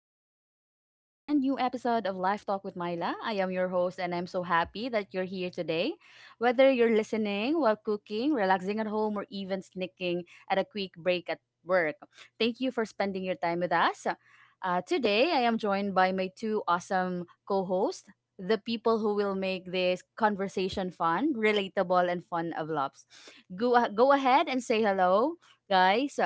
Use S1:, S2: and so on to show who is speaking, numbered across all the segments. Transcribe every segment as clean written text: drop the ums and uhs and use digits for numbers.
S1: welcome to our brand new episode of Life Talk with Myla. I am your host, and I'm so happy that you're here today. Whether you're listening while cooking, relaxing at home, or even sneaking at a quick break at work, thank you for spending your time with us. Today, I am joined by my two awesome co hosts, the people who will make this conversation fun, relatable, and fun of loves. Go ahead and say hello, guys.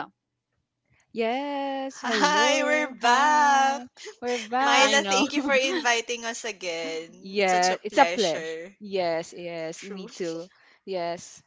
S2: Yes,
S3: Hi, we're
S2: hello,
S3: back.
S2: hi. We're back.
S1: I
S3: Myla,
S1: know.
S3: thank you for inviting us again. It's such
S2: Yeah,
S3: a
S2: it's a pleasure.
S3: pleasure.
S2: Yes, yes,
S3: True.
S2: me too. Yes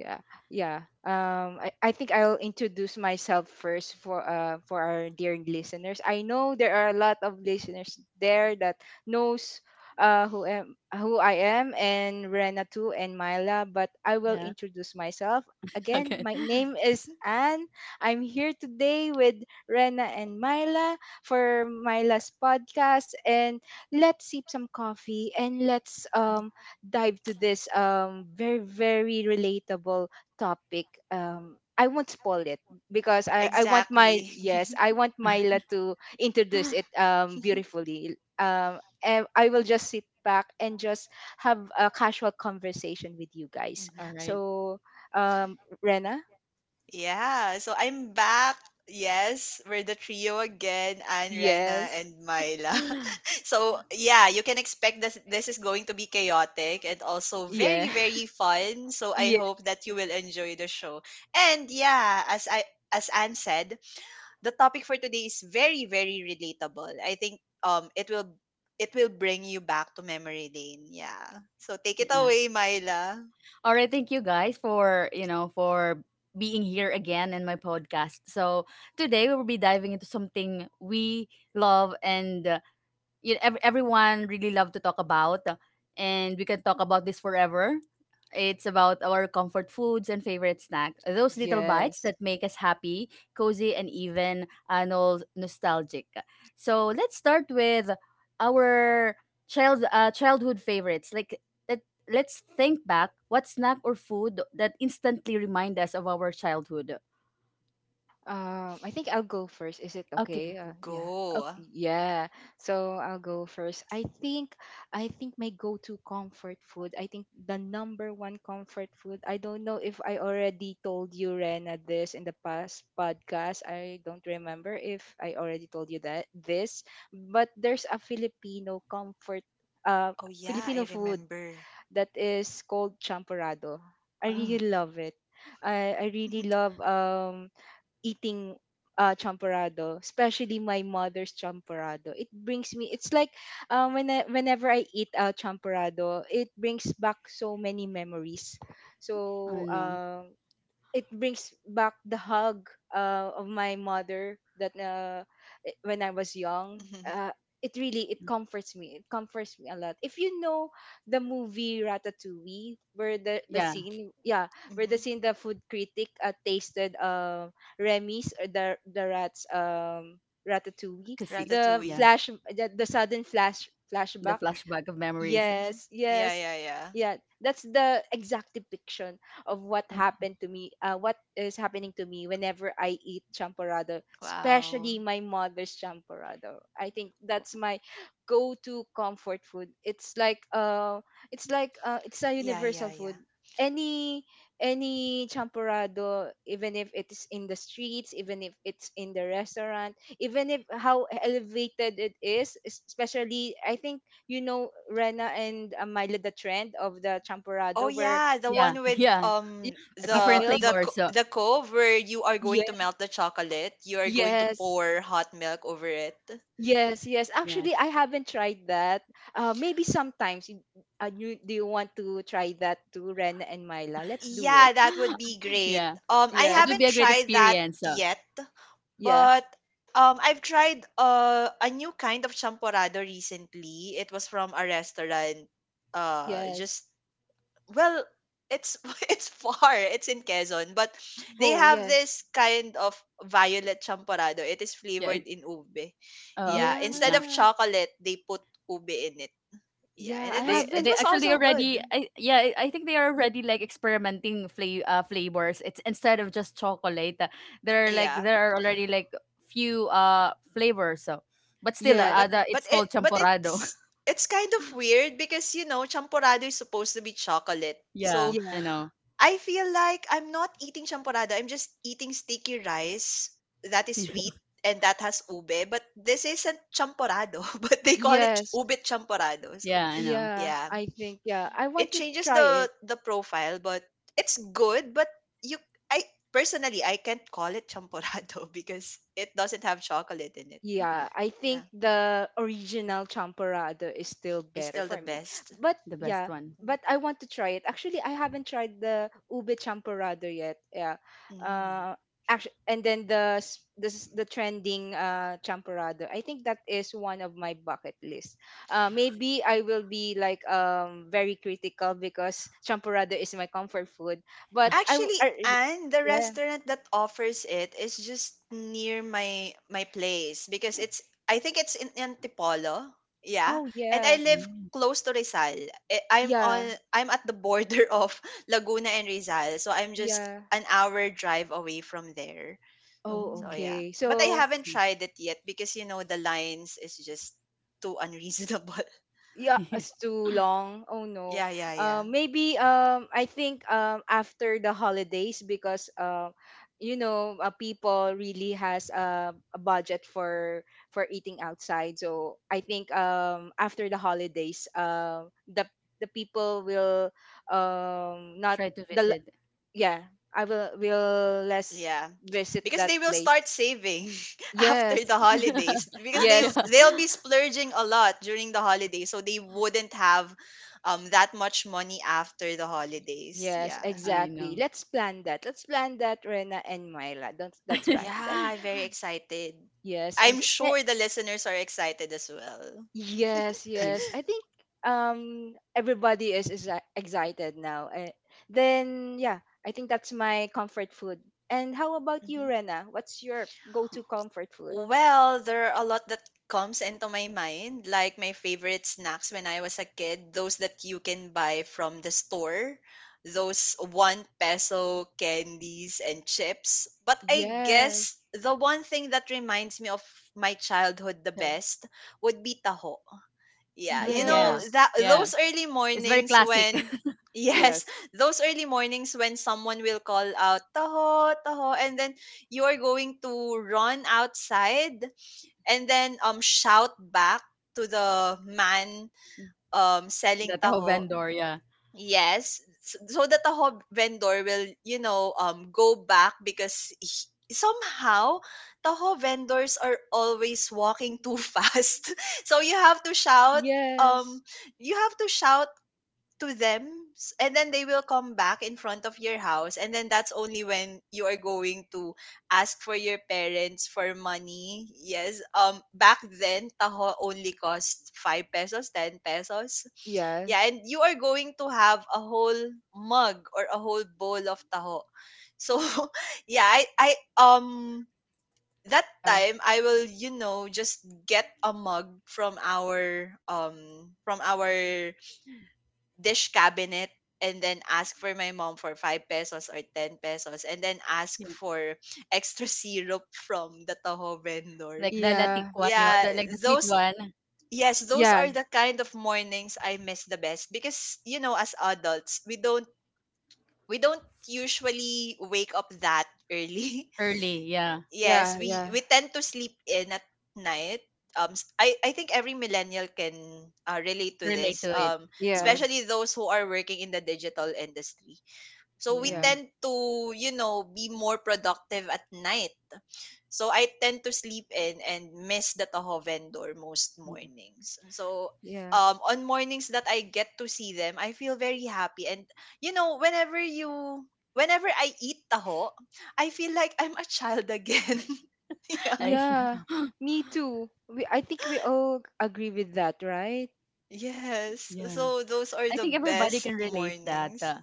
S2: yeah yeah I think I'll introduce myself first for our dear listeners. I know there are a lot of listeners there that knows who I am, and Rena too, and Myla, but I will introduce myself again.
S1: Okay.
S2: My name is Anne. I'm here today with Rena and Myla for Myla's podcast, and let's sip some coffee and let's dive to this very relatable topic. I won't spoil it because I want my,
S3: Exactly.
S2: yes, I want Myla to introduce it beautifully, and I will just sit back and just have a casual conversation with you guys.
S3: Mhm.
S1: All right.
S2: So Rena.
S3: Yeah, so I'm back. Yes, we're the trio again, Anne, Rena,
S2: Yes.
S3: and Myla. So, yeah, you can expect that this is going to be chaotic and also
S2: Yeah.
S3: very, very fun. So, I
S2: Yeah
S3: hope that you will enjoy the show. And yeah, as Anne said, the topic for today is very very relatable. I think it will bring you back to memory lane. Yeah. So take it
S1: Yeah.
S3: away, Myla.
S1: All right, thank you guys for being here again in my podcast. So, today we will be diving into something we love, and everyone really love to talk about, and we can talk about this forever. It's about our comfort foods and favorite snack, those little bites
S2: yes
S1: that make us happy, cozy, and even nostalgic. So let's start with our childhood favorites. Like, let, let's think back what snack or food that instantly remind us of our childhood.
S2: I think I'll go first. Is it
S1: Okay.
S2: okay? Yeah.
S1: Okay.
S3: Go.
S2: Yeah. So I'll go first. I think my go-to comfort food, I think, the number one comfort food. I don't know if I already told you, Rena, this in the past podcast. I don't remember if I already told you that this, but there's a Filipino comfort uh
S3: Oh yeah, I
S2: Filipino food
S3: remember.
S2: that is called champorado. I
S1: Oh,
S2: really love it. I really love eating champorado, especially my mother's champorado. It brings me It's like when whenever I eat champorado, it brings back so many memories.
S1: I
S2: So
S1: know.
S2: it brings back the hug of my mother that when I was young. It comforts me. It comforts me a lot. If you know the movie Ratatouille, where the
S1: Yeah.
S2: scene, yeah, where the
S3: Mm-hmm.
S2: scene, the food critic tasted Remy's or the rat's ratatouille,
S1: Kasi.
S2: the
S1: Yeah.
S3: Ratatouille.
S2: flash the, the sudden
S1: The
S2: flashback.
S1: flashback of memories.
S3: Mm-hmm.
S2: Yes,
S3: Yeah,
S2: yes.
S3: yeah, yeah.
S2: Yeah, that's the exact depiction of what happened to me, what is happening to me, whenever I eat champorado,
S3: Wow.
S2: especially my mother's champorado. I think that's my go-to comfort food. It's like it's a
S3: Yeah,
S2: universal
S3: yeah, yeah.
S2: food. Any any champorado, even if it is in the streets, even if it's in the restaurant, even if how elevated it is, especially I think you know, Rena and Myla, the trend of the
S3: Oh
S2: champurrado where
S3: yeah, the
S1: Yeah,
S3: one with
S1: yeah,
S2: you hot
S3: the
S1: different
S2: milk.
S3: the
S1: flavors.
S3: co-
S1: So
S3: the cove where you are going to
S2: Yes,
S3: melt the chocolate, you are going to
S2: yes,
S3: pour hot milk over it.
S2: yes.
S1: yeah.
S2: Actually, I haven't tried that. Maybe sometimes. You, do you want to try that too, Rena and Myla? Let's do
S3: Yeah,
S2: it.
S3: that would be great.
S1: Yeah,
S3: I
S1: that
S2: Yeah,
S1: would be
S3: haven't
S1: a great
S3: tried that
S1: experience. So
S3: yet,
S2: yeah,
S3: but I've tried a new kind of champorado recently. It was from a restaurant.
S2: yes.
S3: Just well, it's it's far. It's in Quezon, but they
S2: Oh,
S3: have this kind of violet champorado. It is
S1: yeah.
S3: flavored in ube. Yeah, instead
S1: Yeah,
S3: of
S2: yeah,
S3: chocolate, they put ube in it. Yeah,
S2: yeah.
S3: and
S2: I
S3: it was
S1: they
S3: it
S2: haven't.
S3: was
S1: actually
S3: also good.
S1: already, I, yeah, I think they are
S2: Yeah,
S1: already like experimenting flavors. It's instead of just chocolate.
S3: Yeah.
S1: There are already like few flavors. So, but still,
S3: Yeah,
S2: yeah,
S3: but but
S1: it's
S3: it
S1: called
S3: but
S1: champorado.
S3: it's it's kind of weird because you know champorado is supposed to be chocolate.
S1: Yeah,
S3: So
S1: I
S2: yeah,
S1: know.
S3: I feel like I'm not eating champorado. I'm just eating sticky rice that is sweet and that has ube. But this isn't champorado, but they call it
S2: yes,
S3: ube champorado. So
S1: Yeah, yeah, I know.
S2: yeah.
S3: yeah,
S2: I think, yeah, I
S3: it
S2: want to
S3: changes
S2: try
S3: the
S2: it.
S3: the profile, but it's good. But you, I personally, I can't call it champorado because it doesn't have chocolate in it.
S1: Yeah,
S2: Yeah, I think
S3: Yeah,
S2: the original champorado is still
S3: it's
S2: better
S3: still the
S2: for me.
S3: best.
S2: But
S1: the best
S2: yeah,
S1: one.
S2: but I want to try it. Actually, I haven't tried the ube champorado yet. Yeah.
S3: Mm.
S2: Uh actually, and then the s- the trending champorado, I think that is one of my bucket list. Maybe I will be like very critical because champorado is my comfort food, but
S3: Actually,
S2: I really-
S3: and the
S2: yeah.
S3: restaurant that offers it is just near my place because it's I think it's in Antipolo. Yeah.
S2: Oh
S3: And I
S2: yeah.
S3: live
S1: Mm.
S3: close to Rizal. I- I'm on
S2: Yeah.
S3: I'm at the border of Laguna and Rizal, so I'm just
S2: Yeah.
S3: an hour drive away from there.
S2: Oh,
S3: So
S1: Oh,
S3: yeah.
S2: okay.
S3: But
S1: I
S3: I
S2: So
S3: haven't
S1: see.
S3: tried it yet because you know the lines is just too unreasonable.
S2: yeah, it's too long. Oh no.
S3: Yeah, yeah, yeah.
S2: Maybe I think after the holidays because you know, people really has a budget for eating outside. So I think after the holidays, the people will not
S1: Try to
S2: the l-
S1: visit.
S2: yeah, I will less
S3: Yeah.
S2: visit
S3: Because
S2: that
S3: they will
S2: place.
S3: start saving after the
S2: Yes,
S3: holidays because they
S2: yes.
S1: Yeah,
S3: they'll be splurging a lot during the holidays so they wouldn't have that much money after the holidays.
S2: Yes,
S3: Yeah.
S1: I
S2: exactly.
S1: know.
S2: Let's plan that. Let's plan that, Rena and Myla. That's plan
S3: Yeah,
S2: that.
S3: I'm very excited.
S2: Yes, I'm.
S3: I'm
S2: s- eh,
S3: sure the listeners are excited as well.
S2: Yes,
S1: Yeah.
S2: yes. I think everybody is excited now. Then yeah, I think that's my comfort food. And how about you,
S3: Mm-hmm.
S2: Rena? What's your
S1: Yeah.
S2: go-to comfort food?
S3: Well, there are a lot that comes into my mind, like my favorite snacks when I was a kid, those that you can buy from the store, those 1 peso candies and chips. But I
S2: Yes.
S3: guess the one thing that reminds me of my childhood the
S1: So.
S3: best would be taho.
S2: Oh
S3: Yeah,
S1: Oh
S3: you know
S1: yeah,
S2: yes.
S3: that
S1: yeah.
S3: those early
S1: It's very
S3: mornings
S1: classic.
S3: when yes,
S2: Yes.
S3: those early mornings when someone will call out taho taho and then you are going to run outside and then shout back to the man
S1: The
S3: selling
S1: taho
S3: taho.
S1: vendor. Yeah,
S3: Yes, so that the hob vendor will, go back because somehow taho vendors are always walking too fast. So um
S2: Yes.
S3: you have to shout to them, and then they will come back in front of your house and then that's only when you are going to ask for your parents for money. Yes. Back then taho only cost 5 pesos, 10 pesos. Yeah,
S2: Yes.
S3: and you are going to have a whole mug or a whole bowl of taho, so yeah, I um that
S2: Yeah.
S3: time I will just get a mug from our dish cabinet and then ask for my mom for 5 pesos or 10 pesos and then ask
S1: yeah.
S3: for extra syrup from the Toho vendor.
S1: Like the latik
S2: Yeah.
S1: one,
S3: Yeah,
S1: like the sweet
S3: those
S1: one.
S3: yes, those
S2: Yeah.
S3: are the kind of mornings I miss the best because you know as adults, we don't usually wake up that early.
S1: Early. Yeah.
S3: Yes,
S2: Yeah.
S3: we
S2: Yeah.
S3: we tend to sleep in at night. I think every millennial can relate to
S1: Relate
S3: this,
S1: to it. Uh,
S2: Yes.
S3: especially those who are working in the digital industry so we
S1: yeah.
S2: Yeah.
S3: tend to, be more productive at night. So I tend to sleep in and miss the Toho vendor most mornings. So,
S2: Yeah.
S3: on mornings that I get to see them, I feel very happy. And whenever whenever I eat taho, I feel like I'm a child again. Yeah.
S1: I
S2: Yeah,
S1: know.
S2: me too. I think we all agree with that, right?
S3: Yes.
S1: Yeah.
S3: So those are
S1: I
S3: the
S1: think everybody
S3: best
S1: can relate that.
S3: mornings.
S1: Uh,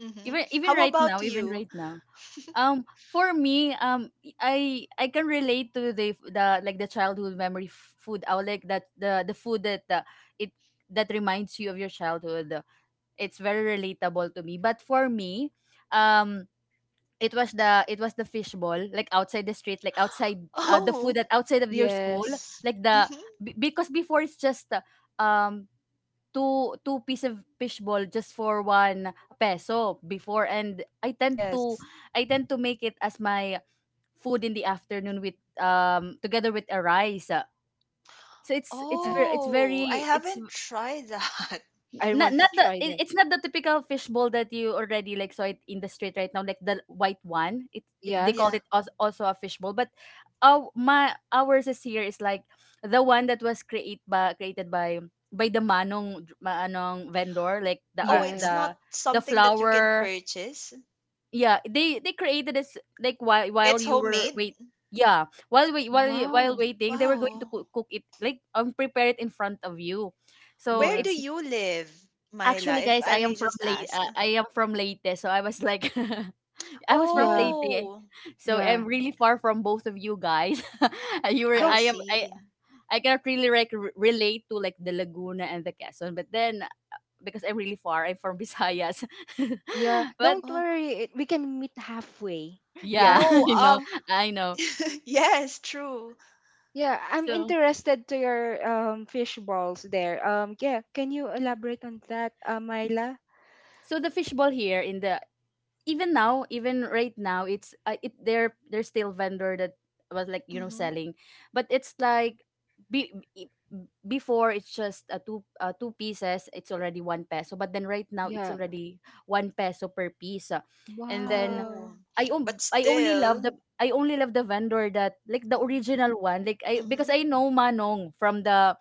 S3: Mm-hmm.
S1: even even
S3: How
S1: right now,
S3: about
S1: even
S3: you?
S1: right now. Um, for me, I can relate to the like the childhood food. I would like that the food, that it that reminds you of your childhood. It's very relatable to me. But for me, um, it was the fishball, like outside the street, like outside, the food that
S3: Oh.
S1: outside of your school,
S2: Yes.
S1: like the
S3: Mm-hmm.
S1: because before it's just um two piece of fishball just for one peso before, and
S2: Yes.
S1: I tend to make it as my food in the afternoon, with together with a rice. So it's it's
S2: Yeah.
S1: very it's very
S3: Oh, I
S1: it's
S3: haven't tried that.
S2: I
S1: not
S2: want to
S1: not the
S2: try that.
S1: it, it's not the typical fishbowl that you already like saw it in the street right now, like the white one. It they called
S2: Yes.
S3: Yeah.
S1: it also a fishbowl, but ours is here is like the one that was created by the manong vendor, like the
S3: Oh, it's
S2: Yes.
S3: not something that you can
S1: flour.
S3: purchase.
S1: Yeah, they created this like while
S3: It's
S1: you were
S3: homemade.
S1: wait. Yeah, while
S2: Wow.
S1: waiting, they were going to
S3: Wow.
S1: cook it, like, prepare it in front of you. So
S3: Where
S2: Yeah.
S3: do
S1: it's
S3: you live, Myla,
S1: actually,
S3: if
S1: guys,
S3: I may just ask?
S1: I am from Leyte. So I was like, I was from
S2: Yeah.
S1: Leyte.
S3: Oh,
S1: So
S2: Yeah.
S1: I'm really far from both of you guys. you were
S3: I
S2: Don't
S1: I am i
S3: see.
S1: i cannot really, like, relate to, like, the Laguna and the Quezon, but then because I'm really far, I'm from Visayas.
S2: yeah,
S1: But
S2: don't
S3: Oh,
S2: worry. We can meet halfway. Yeah.
S1: yeah.
S3: no,
S1: You know, I know.
S3: yes, true.
S2: Yeah, I'm
S1: So.
S2: interested to your fish balls there. Yeah, can you elaborate on that, Myla?
S1: The fishbowl here in the — even now, even right now, it's it there's still vendor that was, like, you know,
S3: Mm-hmm.
S1: selling, but it's like be, be- before it's just two two pieces. It's already one peso, but then right now it's
S2: Yeah.
S1: already one peso per piece. And then
S2: Wow.
S3: Oh. But still.
S1: I only love the vendor that, like, the
S3: Mm-hmm.
S1: original one, like, I, because
S3: Mm-hmm.
S1: I know Manong from the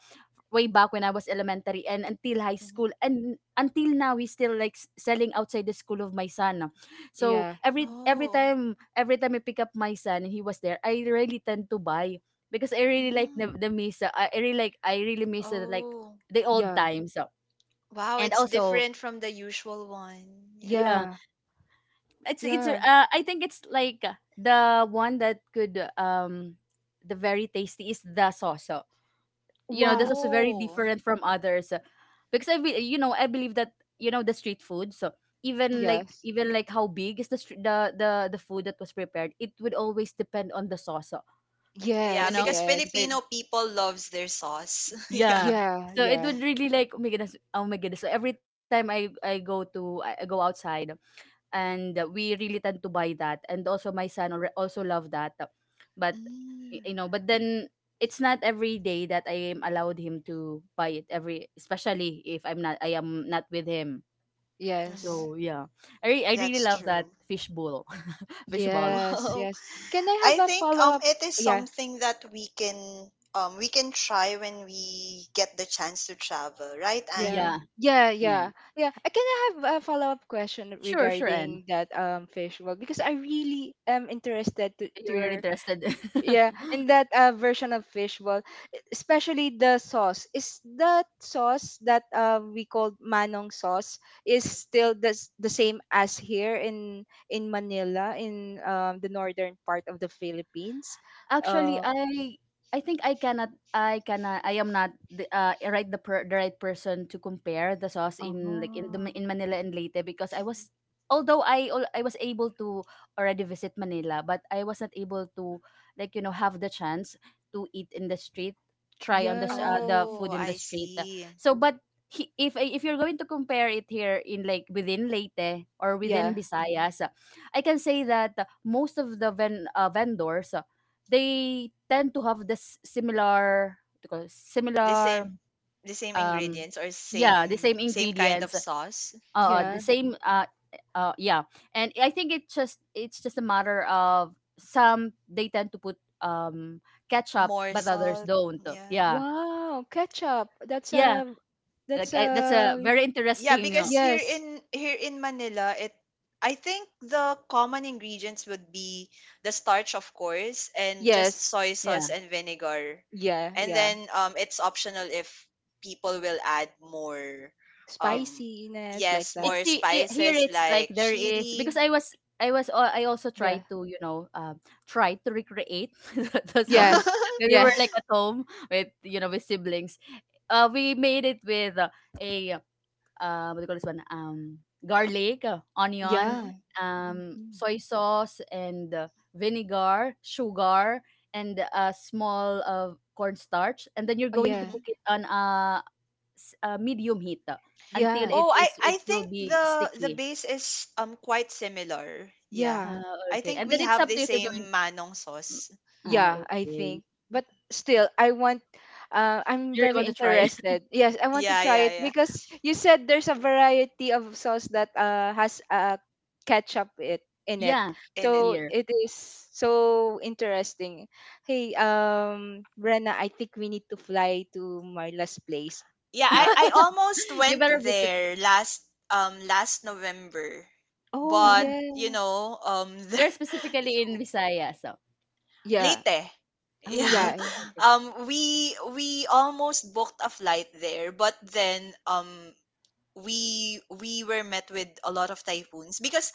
S1: way back when I was elementary and until high
S3: Mm-hmm.
S1: school, and until now, he's still, like, selling outside the school of my son. Ah. So
S2: Yeah.
S1: every every
S3: Oh.
S1: time every time I pick up my son and he was there, I really tend to buy, because I really like
S3: Mm-hmm.
S1: the miss I really miss, like,
S3: Oh.
S1: the old
S2: Yeah.
S1: times. So.
S3: Wow,
S1: And
S3: it's
S1: also,
S3: different from the usual one. Yeah.
S1: yeah,
S2: Yeah.
S1: it's
S2: Yeah.
S1: I think it's like, the one that could, the very tasty is the sauce. Ah. You know,
S2: Wow.
S1: this is very
S3: Oh.
S1: different from others. Because you know, I believe that, you know, the street food, so even
S3: Mhm.
S1: like
S2: Yes.
S1: even like how big is the food that was prepared, it would always depend on the sauce.
S3: Yeah,
S1: You
S2: Yes,
S1: know.
S3: because
S2: yes.
S1: But-
S3: Filipino people loves their sauce. Yeah.
S1: yeah,
S2: Yeah,
S1: so it
S2: yeah.
S1: would really like, oh my goodness, oh my goodness. So every time I go outside, and we really tend to buy that, and also my son also love that. But,
S3: Mm,
S1: you know, but then it's not every day that I am allowed him to buy it, every especially if I am not with him.
S3: mm-hmm.
S2: Yes.
S1: So yeah, I really
S3: That's
S1: love that
S3: true.
S1: fishbowl. Fishball.
S2: Yes,
S3: Well,
S2: yes. Can I have
S3: I
S2: a
S3: think
S2: follow-up?
S3: it is
S2: Yeah,
S3: something that we can try when we get the chance to travel, right,
S2: yeah.
S3: Anne?
S1: Yeah.
S2: Yeah,
S1: Yeah.
S2: yeah. Yeah. Can I have a follow-up question
S1: Sure, sure, and
S2: regarding that fish bowl? Because I really am interested to
S1: you're
S2: your.
S1: interested.
S2: Yeah, in that version of fishball, especially the sauce. Is that sauce that we called manong sauce is still the same as here in Manila, in the northern part of the Philippines?
S1: Actually,
S2: Uh,
S1: I think I am not the right, the right person to compare the sauce in, like, in the in
S2: oh,
S1: Manila and Leyte, because I
S3: Mhm.
S1: was, although I was able to already visit Manila, but I was not able to, like, you know, have the chance to eat in the street, try on the
S2: yeah,
S1: the
S3: Oh,
S1: food in the
S3: I
S1: street.
S3: see.
S1: So, but he, if I- if you're going to compare it here in, like, within Leyte or within
S2: yeah,
S3: Hmm.
S1: Visayas, I can say that most of the vendors, they tend to have the similar, what do you call it,
S3: The same
S1: similar,
S3: the same
S1: um
S3: ingredients or
S1: yeah, the
S3: same
S1: same
S3: same kind of
S1: ingredients,
S3: sauce.
S1: the
S2: yeah.
S1: same, yeah. And I think it just, it's just a matter of, some they tend to put um ketchup,
S3: More
S1: but others
S3: salt.
S1: don't.
S3: Yeah.
S1: Yeah.
S2: Wow, ketchup. That's
S1: Yeah,
S2: a that's
S1: like, I — that's a
S2: a
S1: very
S3: Yeah,
S1: interesting,
S3: because here
S2: yes,
S3: in here in Manila, it I think the common ingredients would be the starch, of course, and just
S2: yes,
S3: soy
S1: yeah.
S3: sauce and vinegar.
S2: yeah,
S3: And
S2: yeah.
S3: then it's optional if people will add more, um,
S2: Spiciness like
S3: yes,
S2: that.
S1: It's
S3: more
S1: here,
S3: spices
S1: it's like,
S3: like
S1: there is,
S3: chili.
S1: because I also tried
S2: Yeah.
S1: to, you know, try to recreate the sauce
S2: Yes.
S1: when we were,
S2: Yeah.
S1: like, at home with, you know, with siblings. We made it with, a what do you call this one, garlic, onion,
S3: Mm-hmm.
S2: Yeah. Mhm.
S1: soy sauce, and, vinegar, sugar, and a small of cornstarch, and then you're
S2: Oh
S1: going to
S2: yeah.
S3: Mm-hmm.
S1: cook it on a medium heat, until
S2: Yeah.
S3: Oh, I I
S1: it will
S3: think
S1: be
S3: the
S1: sticky.
S3: base is quite similar. Yeah.
S2: Yeah.
S1: Uh,
S3: I
S1: okay,
S3: think
S1: and
S3: we
S1: then it's
S3: have
S1: up
S3: the
S1: to, if you're going.
S3: same manong
S1: Mm.
S3: sauce.
S1: Ah,
S2: Yeah, I
S1: okay.
S2: think. But still I want I'm
S1: You really
S2: very
S1: want to try?
S2: interested. Yes, I want to
S3: Yeah, yeah,
S2: try it
S3: yeah.
S2: because you said there's a variety of sauce that has ketchup it in it.
S1: Yeah,
S3: In it.
S2: So
S1: here.
S2: it is so interesting. Hey, Brenna, I think we need to fly to Marla's place.
S3: Yeah,
S2: Uh,
S3: I almost
S1: You
S3: went
S1: better visit.
S3: there last November.
S2: oh
S3: But,
S1: Oh,
S2: yeah.
S3: there,
S1: we're specifically in Visayas. So,
S2: Yeah.
S3: Leyte.
S1: oh, we're
S3: Yeah.
S2: Yeah.
S1: late. Okay,
S3: We almost booked a flight there, but then we were met with a lot of typhoons because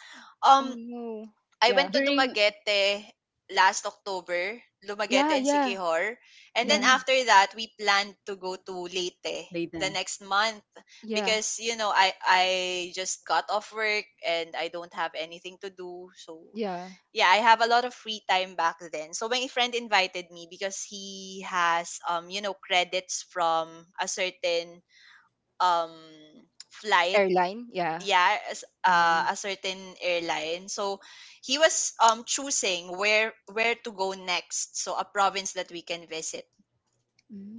S2: Oh
S3: um
S2: no.
S3: I
S2: Yeah.
S3: went to
S1: during,
S3: Dumaguete last October,
S2: Yeah,
S3: Dumaguete and
S2: yeah.
S3: Siquijor. And then
S2: Yeah.
S1: mm,
S3: after that, we planned to go to Leyte the
S1: daytime.
S3: next month
S2: Yeah.
S3: because I just got off work and I don't have anything to do. So
S2: Yeah.
S3: yeah, I have a lot of free time back then. So my friend invited me because he has credits from a certain um flight
S2: Airline. Yeah.
S3: yeah as
S1: Wow.
S3: a certain airline, so he was choosing where to go next, so a province that we can visit,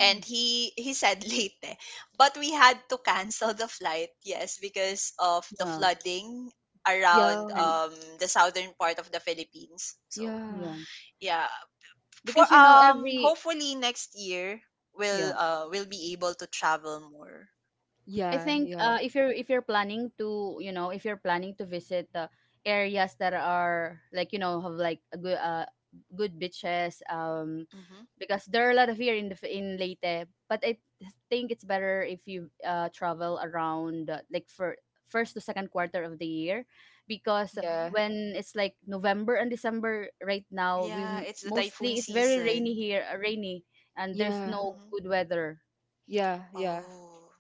S3: and he said Leyte, but we had to cancel the flight, yes, because of
S1: yeah.
S3: the flooding around
S1: And
S2: Yeah.
S3: the southern part of the Philippines. So
S1: yeah,
S2: Yeah.
S3: yeah, for
S1: because, you know, every —
S3: hopefully next year we'll
S1: yeah.
S3: uh we'll be able to travel more.
S1: I
S2: Yeah.
S1: think,
S2: Yeah.
S1: if you're planning to, you know, if you're planning to visit, areas that are, like, you know, have, like, a good, good beaches,
S3: Mm-hmm,
S1: because there are a lot of here in the in Leyte. But I think it's better if you, travel around, like, for first to second quarter of the year, because
S3: mm-hmm.
S2: Yeah.
S1: when it's like November and December right now, we,
S3: Yeah, it's the
S1: mostly
S3: typhoon
S1: it's very rainy
S3: season.
S1: here, rainy, and there's
S2: Yeah.
S1: no
S3: Mm-hmm.
S1: good weather.
S2: Yeah. Yeah.
S3: Oh,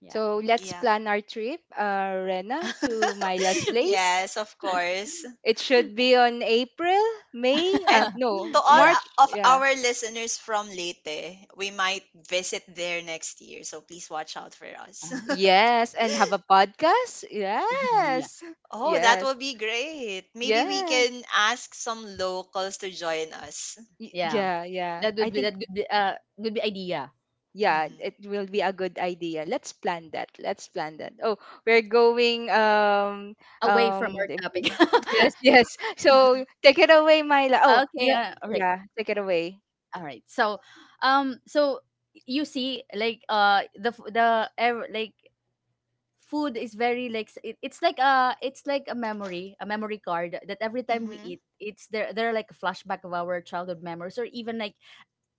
S1: Yeah.
S2: So let's
S3: yeah.
S2: plan our trip, Rena, to Mylas place.
S3: Yes, of course.
S2: It should be on April, May,
S3: And
S2: no,
S3: to all
S1: Yeah.
S2: March.
S3: of
S2: Yeah.
S3: our listeners from Leyte, we might visit there next year, so please watch out for us.
S2: Yes. And have a podcast.
S1: Yeah.
S2: Yes.
S3: Oh, that
S2: Yes.
S3: will be great. Maybe we
S1: Mm.
S2: Yes.
S3: can ask some locals to join us.
S1: Yeah.
S2: Yeah. Yeah.
S1: That would be, would be idea.
S2: It will be a good idea. Let's plan that. Let's plan that. Oh, we're going
S1: Away from
S2: um
S1: our
S2: the-
S1: topic.
S2: yes, yes. So
S3: Mm-hmm.
S2: take it away, Myla. Oh,
S1: Okay,
S2: yeah,
S1: all right.
S2: yeah, take it away.
S1: All right. So, so you see, like, the f- the ev- like, food is very like, it, it's like, it's like a memory card, that every
S3: Hmm.
S1: time we eat it's, there are, like, a flashback of our childhood memories, or even like,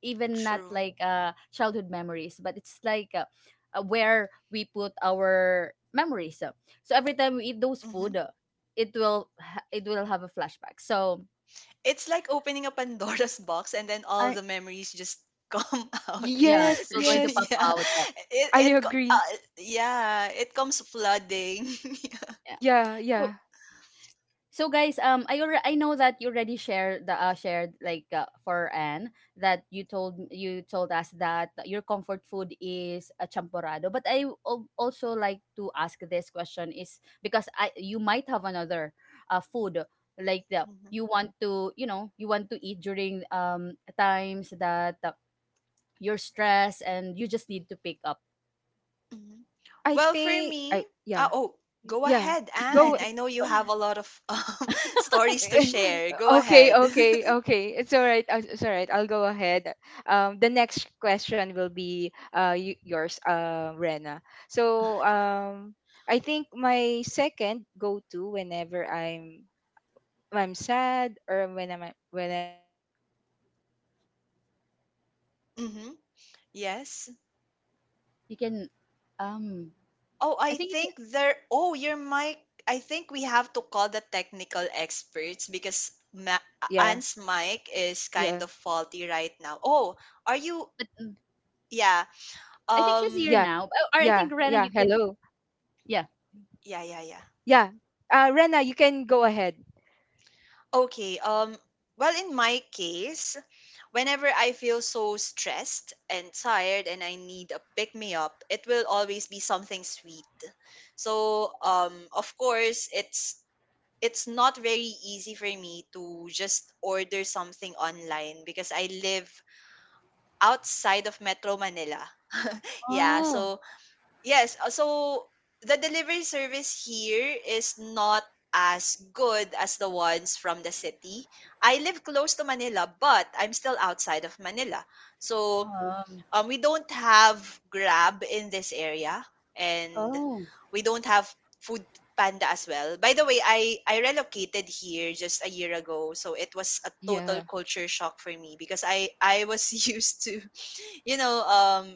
S1: even not
S3: True.
S1: like, childhood memories, but it's like, where we put our memories. So, so every time we eat those
S3: Mm-hmm.
S1: food, it will have a flashback. So,
S3: It's like opening a Pandora's box and then all the
S1: i,
S3: memories just come out.
S1: yeah, it
S2: Yes,
S1: will going to
S2: yes.
S1: pop
S3: Yeah.
S1: out.
S3: It
S2: I
S3: it co-
S2: agree.
S3: uh, yeah, it comes flooding.
S1: Yeah,
S2: Yeah,
S1: so.
S2: yeah.
S1: So guys, I know that you already shared the, shared like, for Anne, that you told us that your comfort food is a champorado. But also like to ask this question, is because I — you might have another, food, like the
S3: Mhm,
S1: you want to eat during times that, you're stressed and you just need to pick up.
S3: mhm.
S2: I
S3: Well, for
S2: think
S3: me,
S2: I yeah.
S3: oh, go
S2: Yeah.
S3: ahead,
S2: Go
S3: Anne. I know you have a lot of stories to share. Go
S2: Okay,
S3: ahead.
S2: okay, okay. It's all right. It's all right. I'll go ahead. The next question will be yours, Rena. So I think my second go-to whenever I'm sad, or when I'm whenever I had so many so many things
S3: Mm-hmm. Yes.
S1: You can,
S2: so many things
S1: um,
S2: to
S3: Oh,
S1: I
S3: I
S1: think you can,
S2: say
S3: think there. Oh, your
S2: to
S3: mic. I
S2: to do,
S3: think we
S2: or
S3: have to call the
S2: to
S3: technical experts
S2: yeah,
S3: because
S2: yeah,
S3: Anne's mic is kind of faulty right now. Oh, are you?
S1: but, mm,
S3: Yeah.
S2: yeah,
S1: I think she's
S3: Um.
S2: yeah,
S1: here now.
S2: yeah,
S1: Or I
S2: hello.
S1: think Rena, you can. Yeah.
S3: Yeah.
S2: Yeah.
S3: Yeah. Yeah.
S2: Rena, you can go ahead.
S3: Okay, well, in my case, whenever I feel so stressed and tired and I need a pick me up, it will always be something sweet. So, of course, it's not very easy for me to just order something online because I live outside of Metro Manila. Yeah,
S1: Oh,
S3: so Yes, so the delivery service here is not as good as the ones from the city. I live close to Manila, but I'm still outside of Manila. So
S1: um,
S3: we don't have Grab in this area, and
S1: oh,
S3: we don't have Food Panda as well. By the way, I relocated here just a year ago, so it was a
S2: Yeah.
S3: total culture shock for me because I was used to you know, um,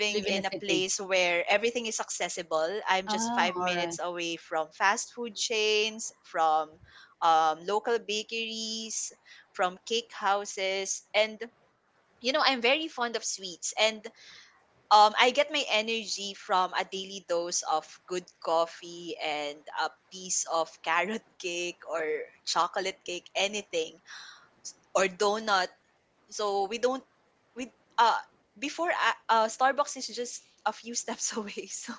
S1: Live in a
S3: in a
S1: city.
S3: place where everything is accessible. I'm just
S1: Ah,
S3: five
S1: alright.
S3: minutes away from fast food chains, from local bakeries, from cake houses, and I'm very fond of sweets, and I get my energy from a daily dose of good coffee and a piece of carrot cake or chocolate cake, anything or donut. So we don't we uh before Starbucks is just a few steps away. So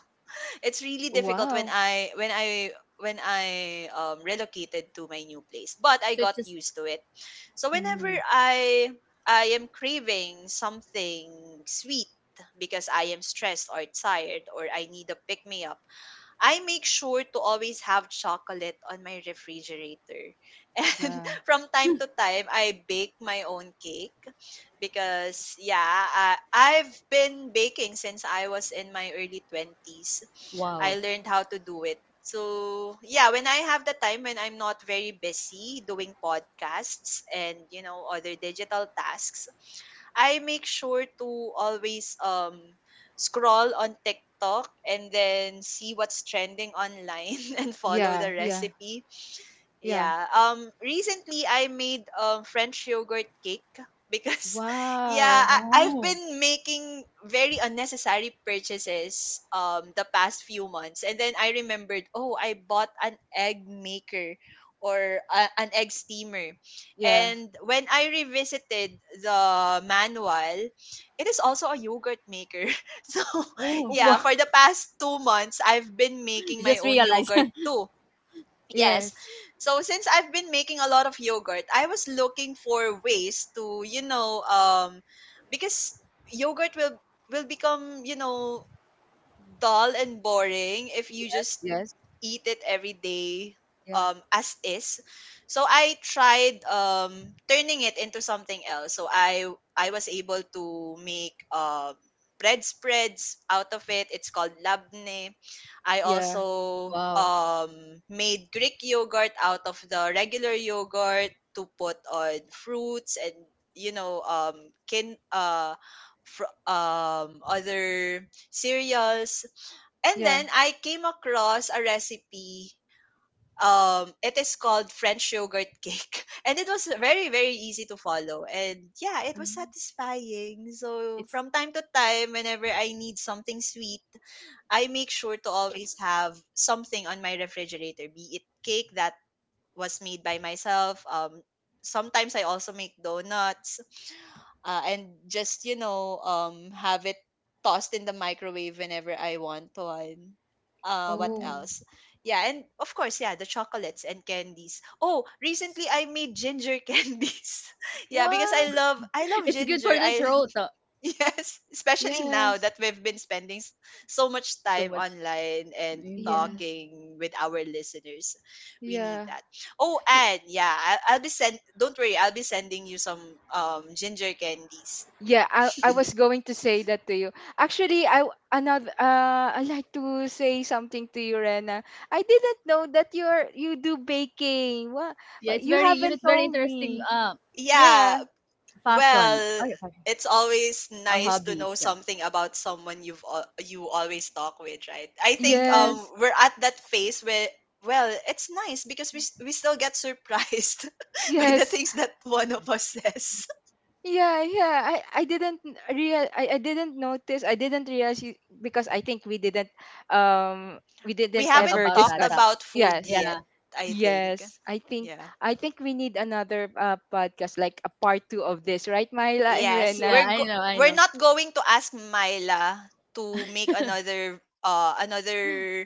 S3: it's really
S2: Wow.
S3: difficult when I relocated to my new place. But I
S1: So it's
S3: got
S1: just,
S3: used to it. So whenever
S1: mm,
S3: I I am craving something sweet because I am stressed or tired or I need a pick me up, I make sure to always have chocolate on my refrigerator.
S2: Yeah.
S3: And from time to time, I bake my own cake because, yeah, I've been baking since I was in my early 20s. I
S1: wow.
S3: learned how to do it. So, yeah, when I have the time when I'm not very busy doing podcasts and, you know, other digital tasks, I make sure to always scroll on TikTok and then see what's trending online and follow
S2: Yeah.
S3: the
S2: Yeah.
S3: recipe.
S2: Yeah.
S3: Yeah. Recently, I made French yogurt cake because, yeah,
S2: Wow.
S3: I, I've
S1: Wow.
S3: been making very unnecessary purchases the past few months, and then I remembered, oh, I bought an egg maker or an egg steamer,
S2: Yeah.
S3: and when I revisited the manual, it is also a yogurt maker. So,
S1: Oh.
S2: Wow.
S3: yeah, for the past 2 months, I've been making
S1: You
S3: my
S1: just
S3: own
S1: realize.
S3: yogurt too. Yes.
S2: Yes.
S3: So since I've been making a lot of yogurt, I was looking for ways to, you know, because yogurt will become, you know, dull and boring if you just
S2: Yes.
S3: eat it every day
S2: Yeah.
S3: as is. So I tried turning it into something else, so I was able to make bread spreads out of it. It's called labne. I
S2: Yeah.
S3: also
S1: Wow.
S3: made Greek yogurt out of the regular yogurt to put on fruits and, you know, kin uh other cereals. And
S2: Yeah.
S3: then I came across a recipe. It is called French yogurt cake, and it was very very easy to follow. And yeah, it was
S1: Mm,
S3: satisfying. So
S1: it's
S3: from time to time, whenever I need something sweet, I make sure to always have something on my refrigerator, be it cake that was made by myself. Sometimes I also make donuts, and just, you know, have it tossed in the microwave whenever I want one. What
S1: mm,
S2: Oh.
S3: else? Yeah, and of course, yeah, the chocolates and candies. Oh, recently I made ginger candies. Yeah, because
S2: What?
S3: I love
S1: it's good
S3: ginger.
S1: for the
S3: I…
S1: throat.
S3: Yes, especially now
S2: Yes.
S3: that we've been spending so much
S1: So
S3: time
S1: much,
S3: online and
S1: yeah,
S2: Yes.
S3: talking with our listeners. We need
S2: Yeah.
S3: that. Oh,
S2: Y-
S3: and yeah, I- I'll be send don't worry, I'll be sending you some ginger candies.
S2: Yeah, I was going to say that to you. Another I like to say something to you, Rena. I didn't know that you're you do baking. What
S1: yeah. It's
S2: You
S1: very, you know,
S2: haven't
S1: it's very
S2: told
S1: interesting.
S2: me.
S3: Yeah,
S2: Yeah.
S3: well,
S1: Yeah, fashion.
S3: it's always
S1: Our
S3: nice to know
S1: hobbies.
S3: something about someone you always talk with, right? I think
S1: Mm,
S2: Yes.
S3: we're at that phase where well, it's nice because we still get surprised by the
S2: Yes.
S3: things that one of us says.
S2: Yeah, yeah. I didn't notice. I didn't realize you, because I think we
S3: We
S2: didn't
S1: talk
S3: haven't
S2: ever
S1: about
S3: talked
S1: that.
S2: discuss.
S3: about food
S2: Yes.
S3: yet,
S1: Yeah,
S3: I think.
S2: Yes.
S3: Yeah.
S2: I think we need another podcast like a part 2 of this, right, Myla and
S3: Yes,
S2: Rena?
S1: yeah. I know, I
S3: we're
S1: know.
S3: not going to ask Myla to make another another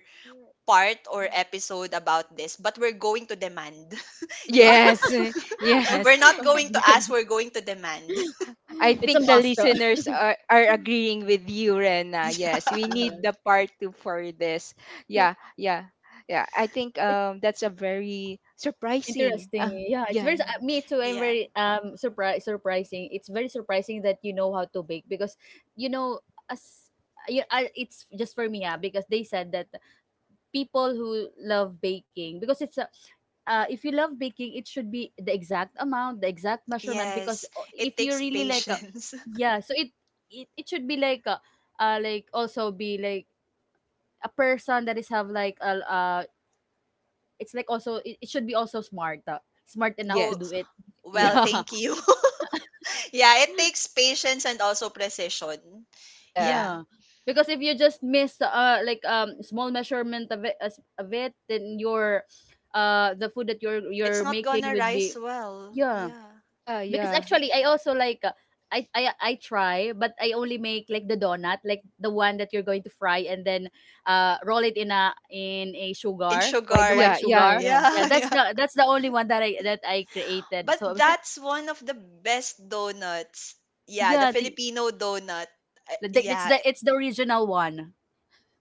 S3: part or episode about this, but we're going to demand. Yeah.
S2: Yes.
S1: Oh,
S3: We're
S2: Yes.
S3: not going to
S1: my god,
S3: ask, we're going to demand.
S2: I
S1: it's
S2: think
S1: a
S2: the
S1: master.
S2: listeners are agreeing with you, Rena. Yes, we
S3: Yeah.
S2: need
S1: Yeah.
S2: the part two for this.
S1: Yeah,
S2: Yeah, yeah, yeah. I think
S1: It,
S2: that's a very surprising.
S1: Interesting. Yeah, it's
S2: Yeah,
S1: very,
S3: Mhm.
S1: me too. I'm
S3: Yeah.
S1: very surprised. Surprising. It's very surprising that you know how to bake because you know as yeah, it's just for me, yeah, because they said that people who love baking, because it's a, if you love baking, it should be the exact amount, the exact measurement. Because
S3: Yes, it
S1: if you
S3: takes
S1: really like,
S3: patience.
S1: yeah, it it should be like, like also be like a person that is have like a, it's like also it should be also smart, smart enough to
S3: Oh,
S1: do
S2: yes,
S1: it.
S3: well,
S2: yeah,
S1: Yeah,
S3: thank you. Yeah, it takes patience and also precision.
S2: yeah,
S3: Yeah.
S1: yeah. Because if you just miss like small measurement of it, of it, then your the food that
S3: It's
S1: you're
S3: not
S1: making
S3: gonna
S1: would
S3: rise
S1: be
S3: well.
S1: yeah.
S3: Yeah.
S2: yeah,
S1: Because
S2: yeah,
S1: actually, I also like, I try, but I only make like the donut, like the one that you're going to fry and then roll it in a
S3: In
S1: sugar, white the white
S3: sugar.
S2: yeah, yeah,
S1: sugar.
S2: yeah,
S1: Yeah,
S3: Yeah,
S1: that's
S3: yeah.
S1: the only one that I created.
S3: But
S1: So I was like,
S3: that's one of the best donuts. Yeah, the
S1: yeah, the
S3: Filipino donut. Uh,
S1: It's
S3: yeah,
S1: the
S3: i-
S1: it's the original one.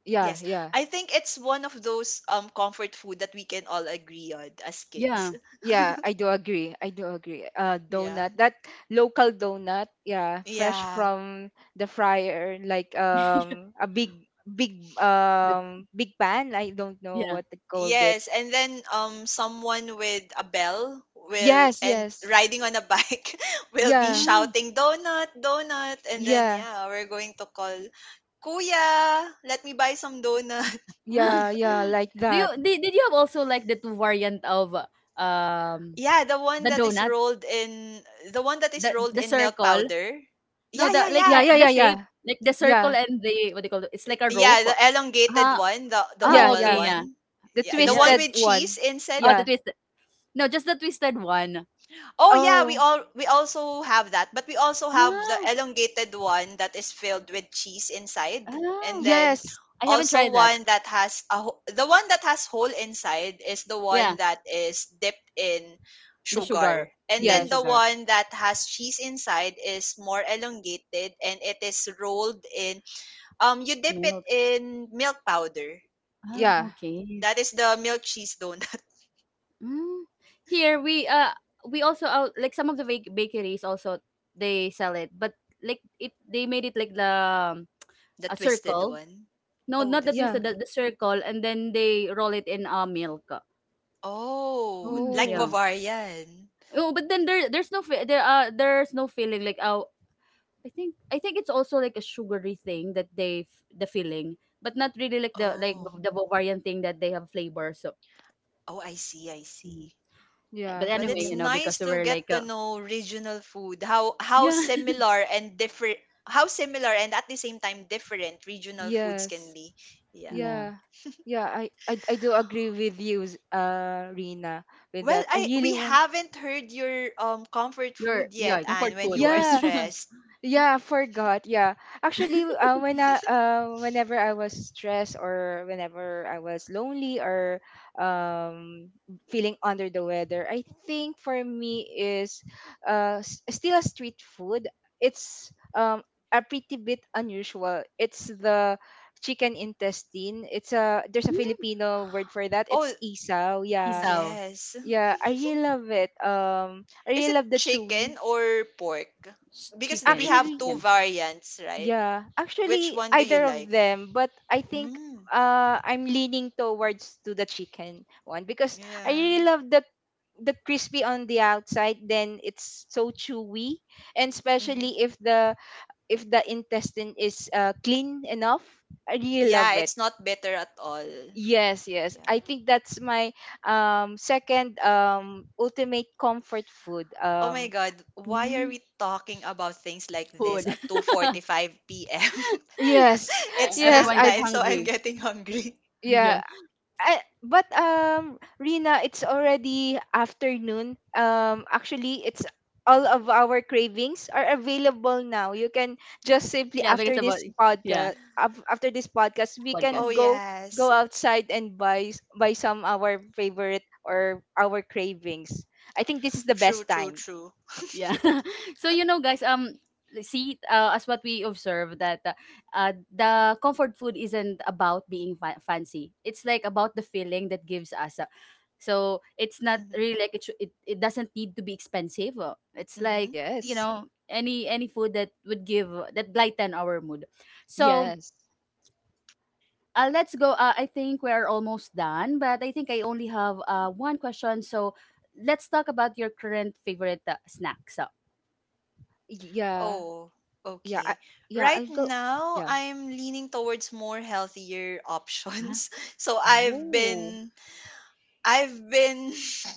S2: yeah,
S3: yes.
S2: yeah.
S3: I think it's one of those comfort food that we can all agree on as
S1: Yeah.
S3: kids.
S2: Yeah, I do agree. I do agree.
S3: Yeah.
S2: Donut, that local donut, yeah, fresh
S3: Yeah.
S2: from the fryer, like a big, big,
S1: The
S2: big pan. I don't know
S1: yeah.
S2: what they called it.
S3: Yes, and then someone with a bell will
S2: Yes,
S3: and
S2: yes.
S3: riding on a bike will be
S2: Yeah,
S1: Oh.
S3: shouting donut, donut, and then
S2: yeah,
S3: yeah, we're going to call Kuya, let me buy some donut. Yeah,
S2: yeah, yeah, like that.
S1: Did you have also like the two variant of um
S3: Yeah, the one
S1: the
S3: that is
S1: donut,
S3: rolled in the one that is rolled
S1: the
S3: in milk
S1: circle?
S3: powder.
S1: No,
S3: Yeah,
S1: the
S3: yeah,
S1: like,
S3: yeah.
S2: Yeah, yeah,
S1: the
S2: yeah,
S1: shape,
S2: yeah.
S1: like the circle
S2: Yeah,
S1: and the what do you call it? It's like a
S3: Yeah,
S1: rope.
S3: the elongated
S1: Ah,
S3: one, the
S1: ah,
S2: yeah,
S3: oval
S1: okay,
S2: yeah.
S1: yeah.
S3: one.
S2: The
S1: So
S3: Yeah, the
S1: yeah,
S3: one
S2: twisted
S1: it's
S3: with cheese
S2: one.
S1: oh,
S3: instead…
S1: the
S2: Yeah.
S1: twisted. No, just the twisted one.
S3: Oh yeah,
S2: Oh,
S3: we also have that, but we also have the
S1: Oh.
S3: elongated one that is filled with cheese inside, and
S1: Oh,
S3: then
S2: yes,
S1: I haven't
S3: also
S1: tried that.
S3: one that the one that has hole inside is the one
S1: Yeah,
S3: that is dipped in
S1: the sugar.
S3: sugar, and
S1: Yeah,
S3: then the
S2: yes.
S1: sugar
S3: one that has cheese inside is more elongated and it is rolled in… you dip it
S1: milk.
S3: in milk powder,
S1: Ah,
S3: yeah.
S2: Yeah,
S1: okay.
S3: That is the milk cheese donut,
S1: Mm. Here we also out like some of the bakeries also they sell it, but like it they made it like the,
S3: the
S1: a
S3: twisted
S1: circle.
S3: one.
S1: No,
S3: Oh,
S1: not
S3: the
S1: that twist,
S2: yeah.
S3: circle.
S1: the circle, and then they roll it in, milk.
S3: Oh,
S1: Mm,
S3: like
S1: yeah.
S2: Oh,
S3: Bavarian.
S1: Oh, but then there's no there's no filling like, oh, I think it's also like a sugary thing that the filling, but not really like
S3: Oh,
S1: the Bavarian thing that they have flavor. So,
S3: oh, I see, I
S1: mm.
S3: see.
S1: But
S2: yeah,
S3: Well,
S1: anyway,
S2: yeah.
S3: it's
S1: you know, because
S3: nice
S1: we
S3: to
S1: were
S3: get
S1: like,
S3: to know regional food,
S1: yeah.
S3: how similar and at the same time different regional foods can
S2: Yes.
S3: be. Yeah.
S1: Yeah.
S2: Yeah. I do agree with you, Rina, with
S3: Well,
S2: that. I
S3: I
S2: really
S3: we
S2: want.
S3: haven't heard your comfort
S1: Your,
S3: food
S1: yeah,
S3: yet, Anne,
S1: comfort
S3: when you
S1: food.
S3: are
S2: Yeah,
S3: stressed.
S2: yeah, I forgot. Yeah. Actually, whenever I was stressed or whenever I was lonely or um, feeling under the weather, I think for me is still a street food. It's a pretty bit unusual. It's the chicken intestine. It's a There's a
S1: Mm.
S2: Filipino word for that.
S3: Oh,
S2: It's isaw. Yeah.
S1: Isaw.
S3: yes.
S2: Yeah, I really love it. I
S3: Is
S2: really
S3: it
S2: love the chewy.
S3: chicken or pork?
S1: Ch-
S3: Because
S1: Chicken.
S3: we
S1: It's
S3: have
S2: Actually,
S3: two
S1: chicken.
S3: variants, right?
S2: yeah,
S3: Which
S2: actually
S3: one do you
S2: either of
S3: like?
S2: them, but I think
S3: Mm.
S2: I'm leaning towards to the chicken one because I
S3: Yeah.
S2: really love the crispy on the outside, then it's so chewy, and
S3: Hmm.
S2: especially if the intestine is clean enough. I really
S3: Yeah,
S2: love it.
S3: it's not better at all.
S2: Yes, yes,
S3: Yeah.
S2: I think that's my second ultimate comfort food.
S3: Oh my God, why are
S1: Mm.
S3: we talking about things like this
S1: Food.
S3: at 2:45 p.m.?
S2: Yes
S3: It's
S2: yes
S3: snack
S1: Everyone got
S2: i
S3: time, so I'm
S1: hungry.
S3: getting hungry.
S2: yeah
S1: Yeah.
S2: but Rina, it's already afternoon. Actually, it's all of our cravings are available now. You can just simply
S1: Yeah, because
S2: after
S1: about
S2: this
S1: yeah,
S2: podcast, after this podcast, we can
S3: Oh
S1: podcast.
S2: go go
S3: yes.
S2: outside and buy buy some our favorite or our cravings. I think this is the
S3: True,
S2: best
S3: true,
S2: time.
S3: true.
S1: Yeah. So, you know guys, see, as what we observe that, the comfort food isn't about being fancy, it's like about the feeling that gives us, so it's not
S3: Mm-hmm.
S1: really like it, it it doesn't need to be expensive, it's
S3: Mm-hmm.
S1: like, you
S2: Yes.
S1: know, any food that would give, that lighten our mood. So,
S2: Yes.
S1: let's go, I think we're almost done, but I think I only have, one question. So let's talk about your current favorite, snacks. Uh,
S2: Yeah.
S3: Oh,
S2: Yeah.
S3: okay.
S2: Yeah,
S3: Right
S2: I'll go.
S3: now,
S2: Yeah.
S3: I'm leaning towards more healthier options. So I've
S2: Oh,
S3: been I've been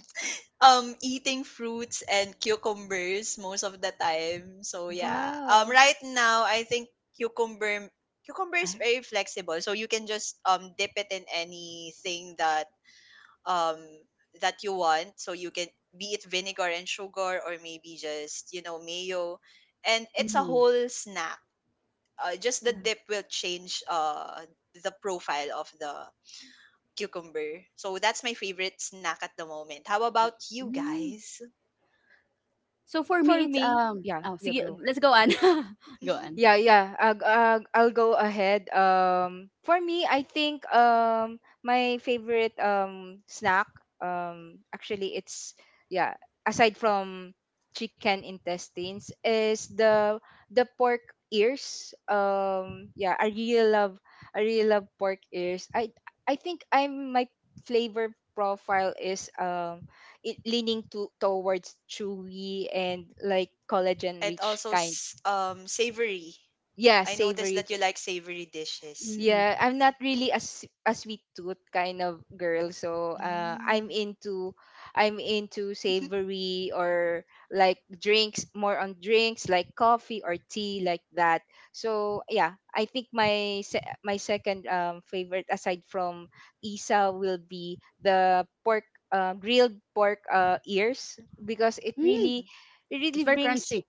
S3: eating fruits and cucumbers most of the time. So yeah.
S2: wow.
S3: Right now I think cucumber cucumber is
S1: huh?
S3: very flexible. So you can just dip it in anything that um that you want. So you can be it vinegar and sugar or maybe just, you know, mayo. And it's a
S1: Mhm.
S3: whole snack. Just the
S1: Mm.
S3: dip will change the profile of the cucumber. So that's my favorite snack at the moment. How
S1: Ah,
S3: about you
S1: hmm.
S3: guys?
S1: So for
S2: For
S1: me, it's,
S2: me, yeah,
S1: oh,
S2: yeah,
S1: sige,
S2: go.
S1: let's go on. Go on.
S2: Yeah, yeah. I'll go ahead. For me, I think my favorite snack, actually it's yeah aside from chicken intestines, is the pork ears. Yeah, I really love, I really love pork ears. I think I'm my flavor profile is it leaning to towards chewy and like collagen rich kind,
S3: Savory.
S2: yeah,
S3: I noticed
S2: savory.
S3: that you like savory dishes.
S1: Mm.
S2: Yeah, I'm
S3: Yeah.
S2: not really a, a sweet tooth kind of girl. So, I'm
S3: Mm.
S2: into, I'm into savory or like drinks, more on drinks like coffee or tea like that. So, yeah, I think my second favorite aside from isa will be the pork grilled pork ears, because
S1: Mm,
S3: Mhm.
S2: it
S1: it's
S2: really
S1: very
S2: brings
S1: crunchy.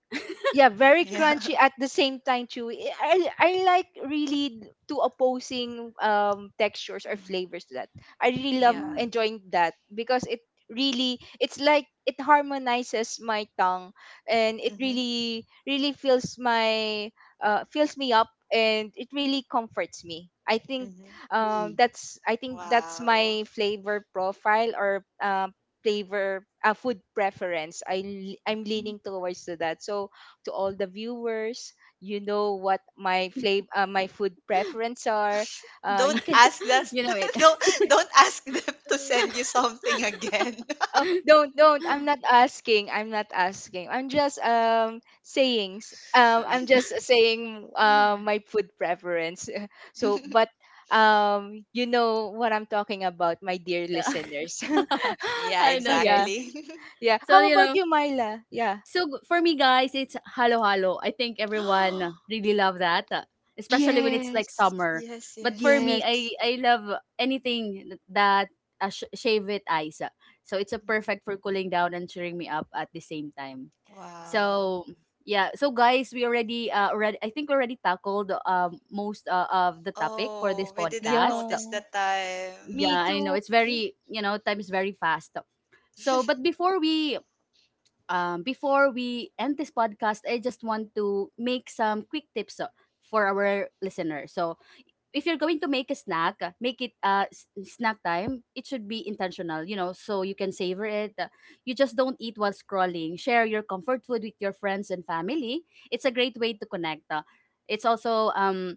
S2: yeah very
S3: Yeah.
S2: crunchy at the same time chewy. I like really two opposing textures or
S3: Hmm.
S2: flavors to that. I really love
S1: Ah,
S3: Yeah.
S2: enjoying that because it really it's like it harmonizes my tongue, and it
S3: Hmm.
S2: really really fills my fills me up, and it really comforts me. I think
S3: Hmm.
S1: mm.
S2: that's
S3: Wow.
S2: my flavor profile or flavor food preference. I'm leaning towards to that. So to all the viewers. You know what my flavor, my food preference are. Uh,
S3: Don't
S2: you can.
S3: ask
S2: s-
S3: us
S1: You know it.
S3: don't ask them to send you something again.
S2: Oh, don't, don't. I'm not asking. I'm not asking. I'm just saying.
S1: Uh,
S2: I'm just saying my food preference. So, but you know what I'm talking about, my dear listeners.
S3: Yeah,
S1: I
S2: Oh,
S1: know,
S2: yeah,
S1: guys.
S3: exactly.
S2: yeah.
S1: So,
S2: How
S1: you
S2: about
S1: know,
S2: you, Myla? Yeah.
S1: For me, guys, it's halo-halo. I think everyone really love that, especially when it's like
S2: Yes.
S1: summer.
S3: Yes,
S1: But for
S3: yes.
S1: me,
S2: Yes.
S1: I love anything that, shave it ice. So it's a
S3: Mhm.
S1: perfect for cooling down and cheering me up at the same time.
S3: Wow.
S1: So yeah, so guys, we already, I think we already tackled most of the topic for this
S3: Oh, we didn't
S1: podcast.
S3: notice the
S2: Yo.
S3: time.
S1: Yeah,
S2: Me
S1: I know
S2: too.
S1: it's very, you know, time is very fast. So, but before we, before we end this podcast, I just want to make some quick tips, for our listeners. So, if you're going to make a snack, make it, snack time. It should be intentional, you know, so you can savor it. You just don't eat while scrolling. Share your comfort food with your friends and family. It's a great way to connect. It's also,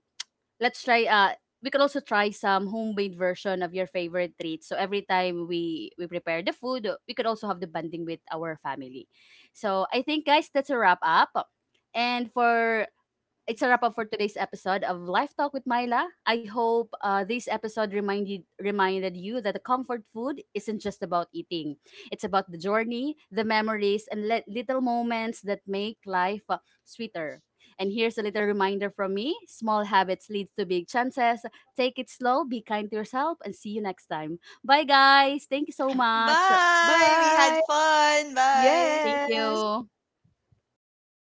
S1: let's try, we can also try some homemade version of your favorite treats. So every time we prepare the food, we could also have the bonding with our family. So I think guys, that's a wrap up. And for It's a wrap
S3: Mhm.
S1: up for today's episode of Life Talk with Myla. I hope, this episode reminded you that the comfort food isn't just about eating. It's about the journey, the memories, and little moments that make life, sweeter. And here's a little reminder from me: small habits lead to big chances. Take it slow, be kind to yourself, and see you next time. Bye, guys. Thank you so much.
S3: Bye. We had
S2: Bye.
S3: fun. Bye.
S1: Thank
S2: Yes.
S1: you.